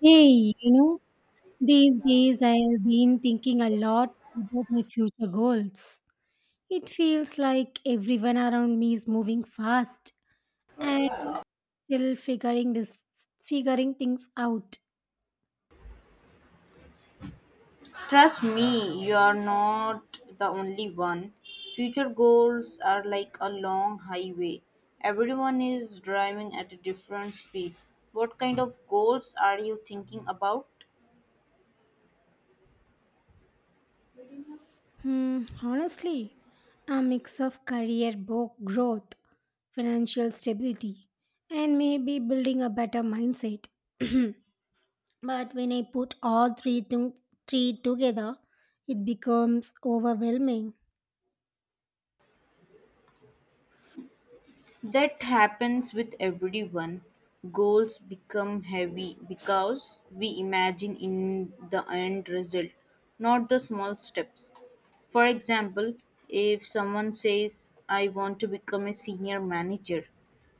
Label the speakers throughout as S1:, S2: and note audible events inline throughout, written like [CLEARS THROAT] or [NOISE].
S1: Hey, you know, these days I have been thinking a lot about my future goals. It feels like everyone around me is moving fast and still figuring things out.
S2: Trust me, you are not the only one. Future goals are like a long highway. Everyone is driving at a different speed. What kind of goals are you thinking about?
S1: Hmm, honestly, a mix of career growth, financial stability, and maybe building a better mindset. [CLEARS THROAT] But when I put all three, three together, it becomes overwhelming.
S2: That happens with everyone. Goals become heavy because we imagine in the end result, not the small steps. For example, if someone says, I want to become a senior manager,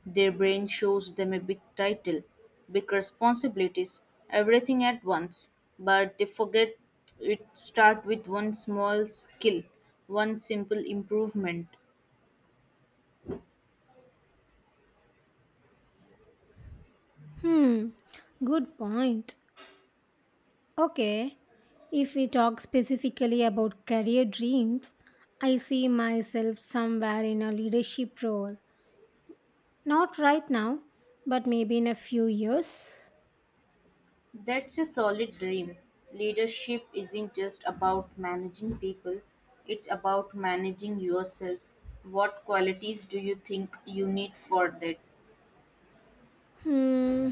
S2: their brain shows them a big title, big responsibilities, everything at once, but they forget it starts with one small skill, one simple improvement.
S1: Hmm, good point. Okay, if we talk specifically about career dreams, I see myself somewhere in a leadership role. Not right now, but maybe in a few years.
S2: That's a solid dream. Leadership isn't just about managing people, it's about managing yourself. What qualities do you think you need for that?
S1: Hmm,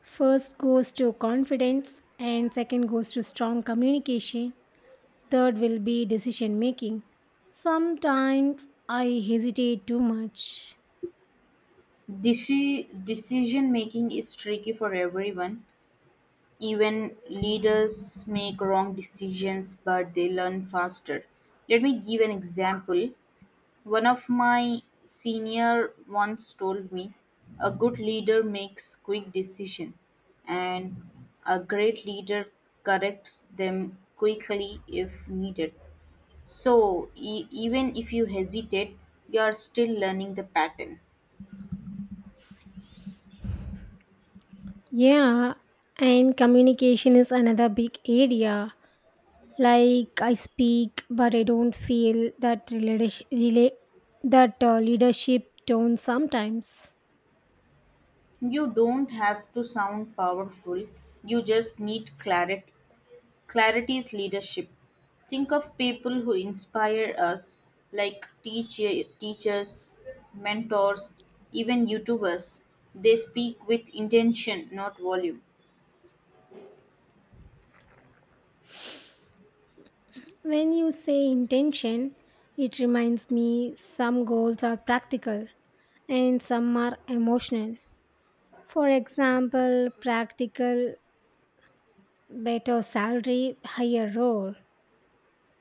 S1: first goes to confidence, and second goes to strong communication. Third will be decision making. Sometimes I hesitate too much.
S2: Decision making is tricky for everyone. Even leaders make wrong decisions, but they learn faster. Let me give an example. One of my senior once told me a good leader makes quick decision and a great leader corrects them quickly if needed. So even if you hesitate, you are still learning the pattern.
S1: Yeah, and communication is another big area. Like I speak but I don't feel that leadership tone sometimes.
S2: You don't have to sound powerful. You just need clarity. Clarity is leadership. Think of people who inspire us, like teachers, mentors, even YouTubers. They speak with intention, not volume.
S1: When you say intention, it reminds me some goals are practical and some are emotional. For example, practical, better salary, higher role.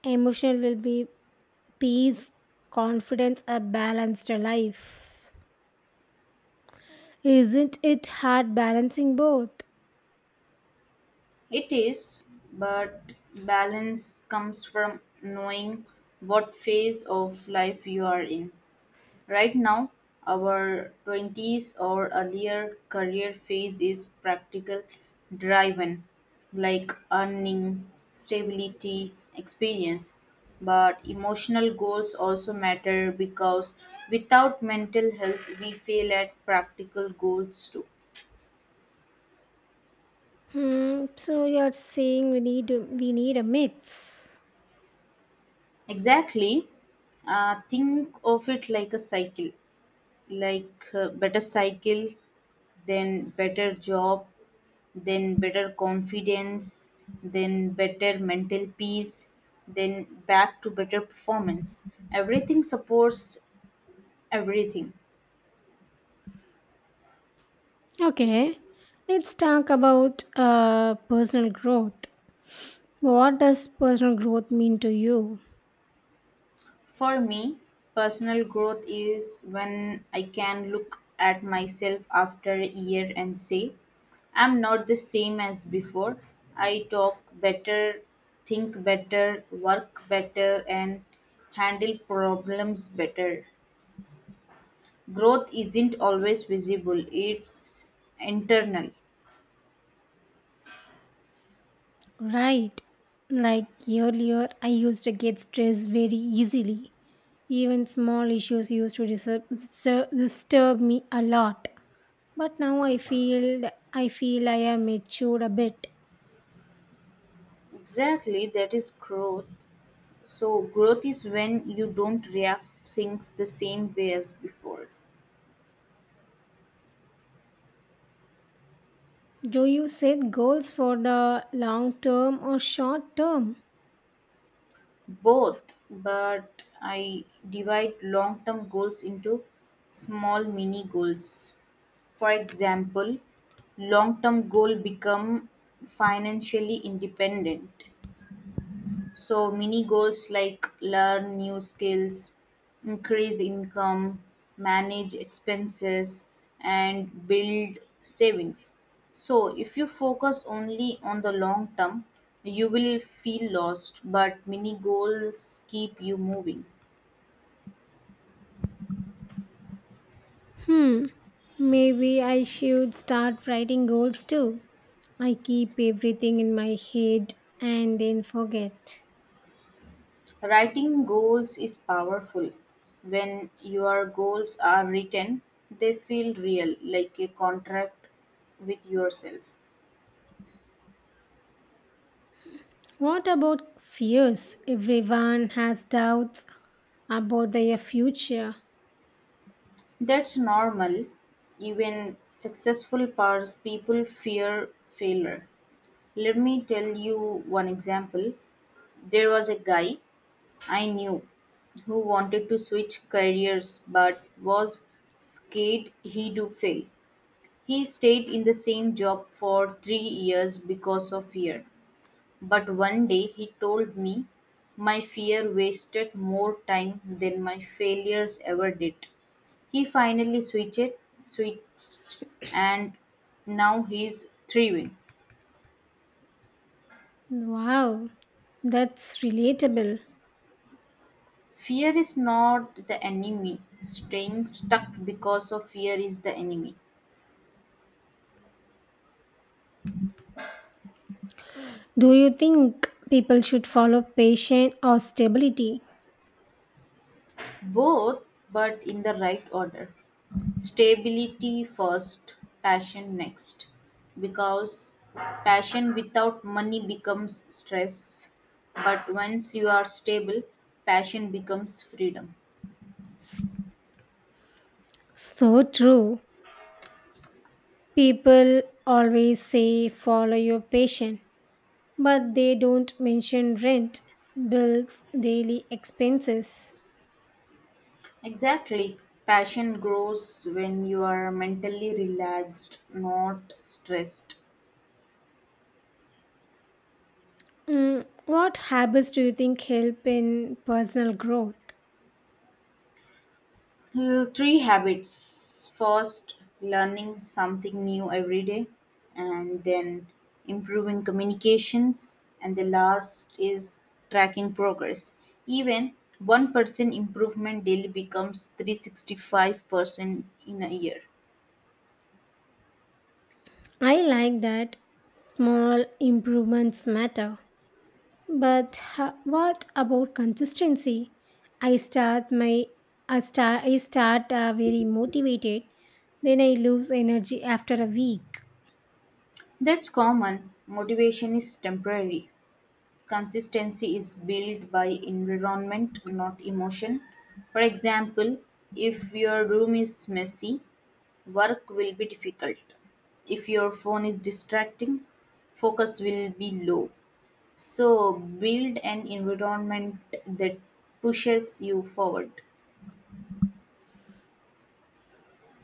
S1: Emotional will be peace, confidence, a balanced life. Isn't it hard balancing both?
S2: It is, but balance comes from knowing what phase of life you are in. Right now, our 20s or earlier career phase is practical driven, like earning, stability, experience. But emotional goals also matter because without mental health, we fail at practical goals too.
S1: Hmm, so you're saying we need a mix.
S2: Exactly. Think of it like a cycle, like better cycle, then better job, then better confidence, then better mental peace, then back to better performance. Everything supports everything.
S1: Okay, let's talk about personal growth. What does personal growth mean to you?
S2: For me, personal growth is when I can look at myself after a year and say, I'm not the same as before. I talk better, think better, work better, and handle problems better. Growth isn't always visible, it's internal.
S1: Right, like earlier, I used to get stressed very easily. Even small issues used to disturb me a lot. But now I feel I am matured a bit.
S2: Exactly, that is growth. So growth is when you don't react things the same way as before.
S1: Do you set goals for the long term or short term?
S2: Both, but I divide long term goals into small mini goals. For example, long term goal become financially independent. So mini goals like learn new skills, increase income, manage expenses and build savings. So if you focus only on the long term, you will feel lost, but mini goals keep you moving.
S1: Hmm, maybe I should start writing goals too. I keep everything in my head and then forget.
S2: Writing goals is powerful. When your goals are written, they feel real, like a contract with yourself.
S1: What about fears? Everyone has doubts about their future.
S2: That's normal. Even successful powers people fear failure. Let me tell you one example. There was a guy I knew who wanted to switch careers but was scared he would do fail. He stayed in the same job for 3 years because of fear. But one day he told me my fear wasted more time than my failures ever did. He finally switched, and now he's thriving.
S1: Wow, that's relatable.
S2: Fear is not the enemy. Staying stuck because of fear is the enemy.
S1: Do you think people should follow patience or stability?
S2: Both, but in the right order. Stability first, passion next. Because passion without money becomes stress, but once you are stable, passion becomes freedom.
S1: So true. People always say follow your passion, but they don't mention rent, bills, daily expenses.
S2: Exactly. Passion grows when you are mentally relaxed, not stressed.
S1: Mm, what habits do you think help in personal growth?
S2: Three habits. First, learning something new every day, and then improving communications, and the last is tracking progress. Even 1% improvement daily becomes 365% in a year.
S1: I like that, small improvements matter. But what about consistency? I start my I start very motivated, then I lose energy after a week.
S2: That's common. Motivation is temporary. Consistency is built by environment, not emotion. For example, if your room is messy, work will be difficult. If your phone is distracting, focus will be low. So, build an environment that pushes you forward.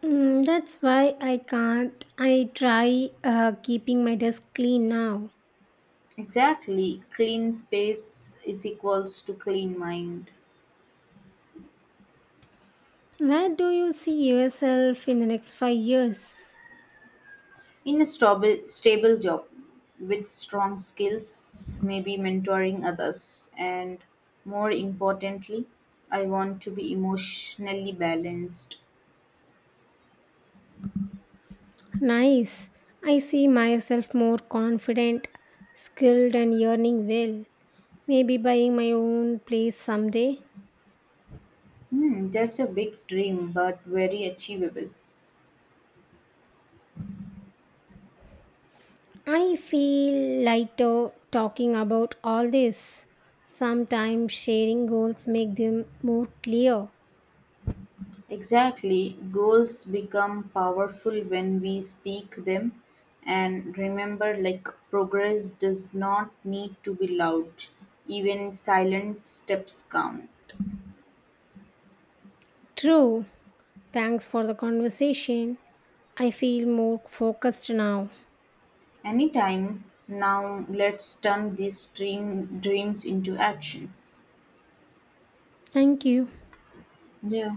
S1: Mm, that's why I can't. I try keeping my desk clean now.
S2: Exactly, clean space is equals to clean mind.
S1: Where do you see yourself in the next 5 years?
S2: In a stable job with strong skills, maybe mentoring others, and more importantly, I want to be emotionally balanced.
S1: Nice. I see myself more confident, skilled, and earning well. Maybe buying my own place someday.
S2: Hmm, that's a big dream, but very achievable.
S1: I feel lighter talking about all this. Sometimes sharing goals make them more clear.
S2: Exactly. Goals become powerful when we speak them. And remember, like, progress does not need to be loud, even silent steps count.
S1: True. Thanks for the conversation. I feel more focused now.
S2: Anytime now, let's turn these dreams into action.
S1: Thank you.
S2: Yeah.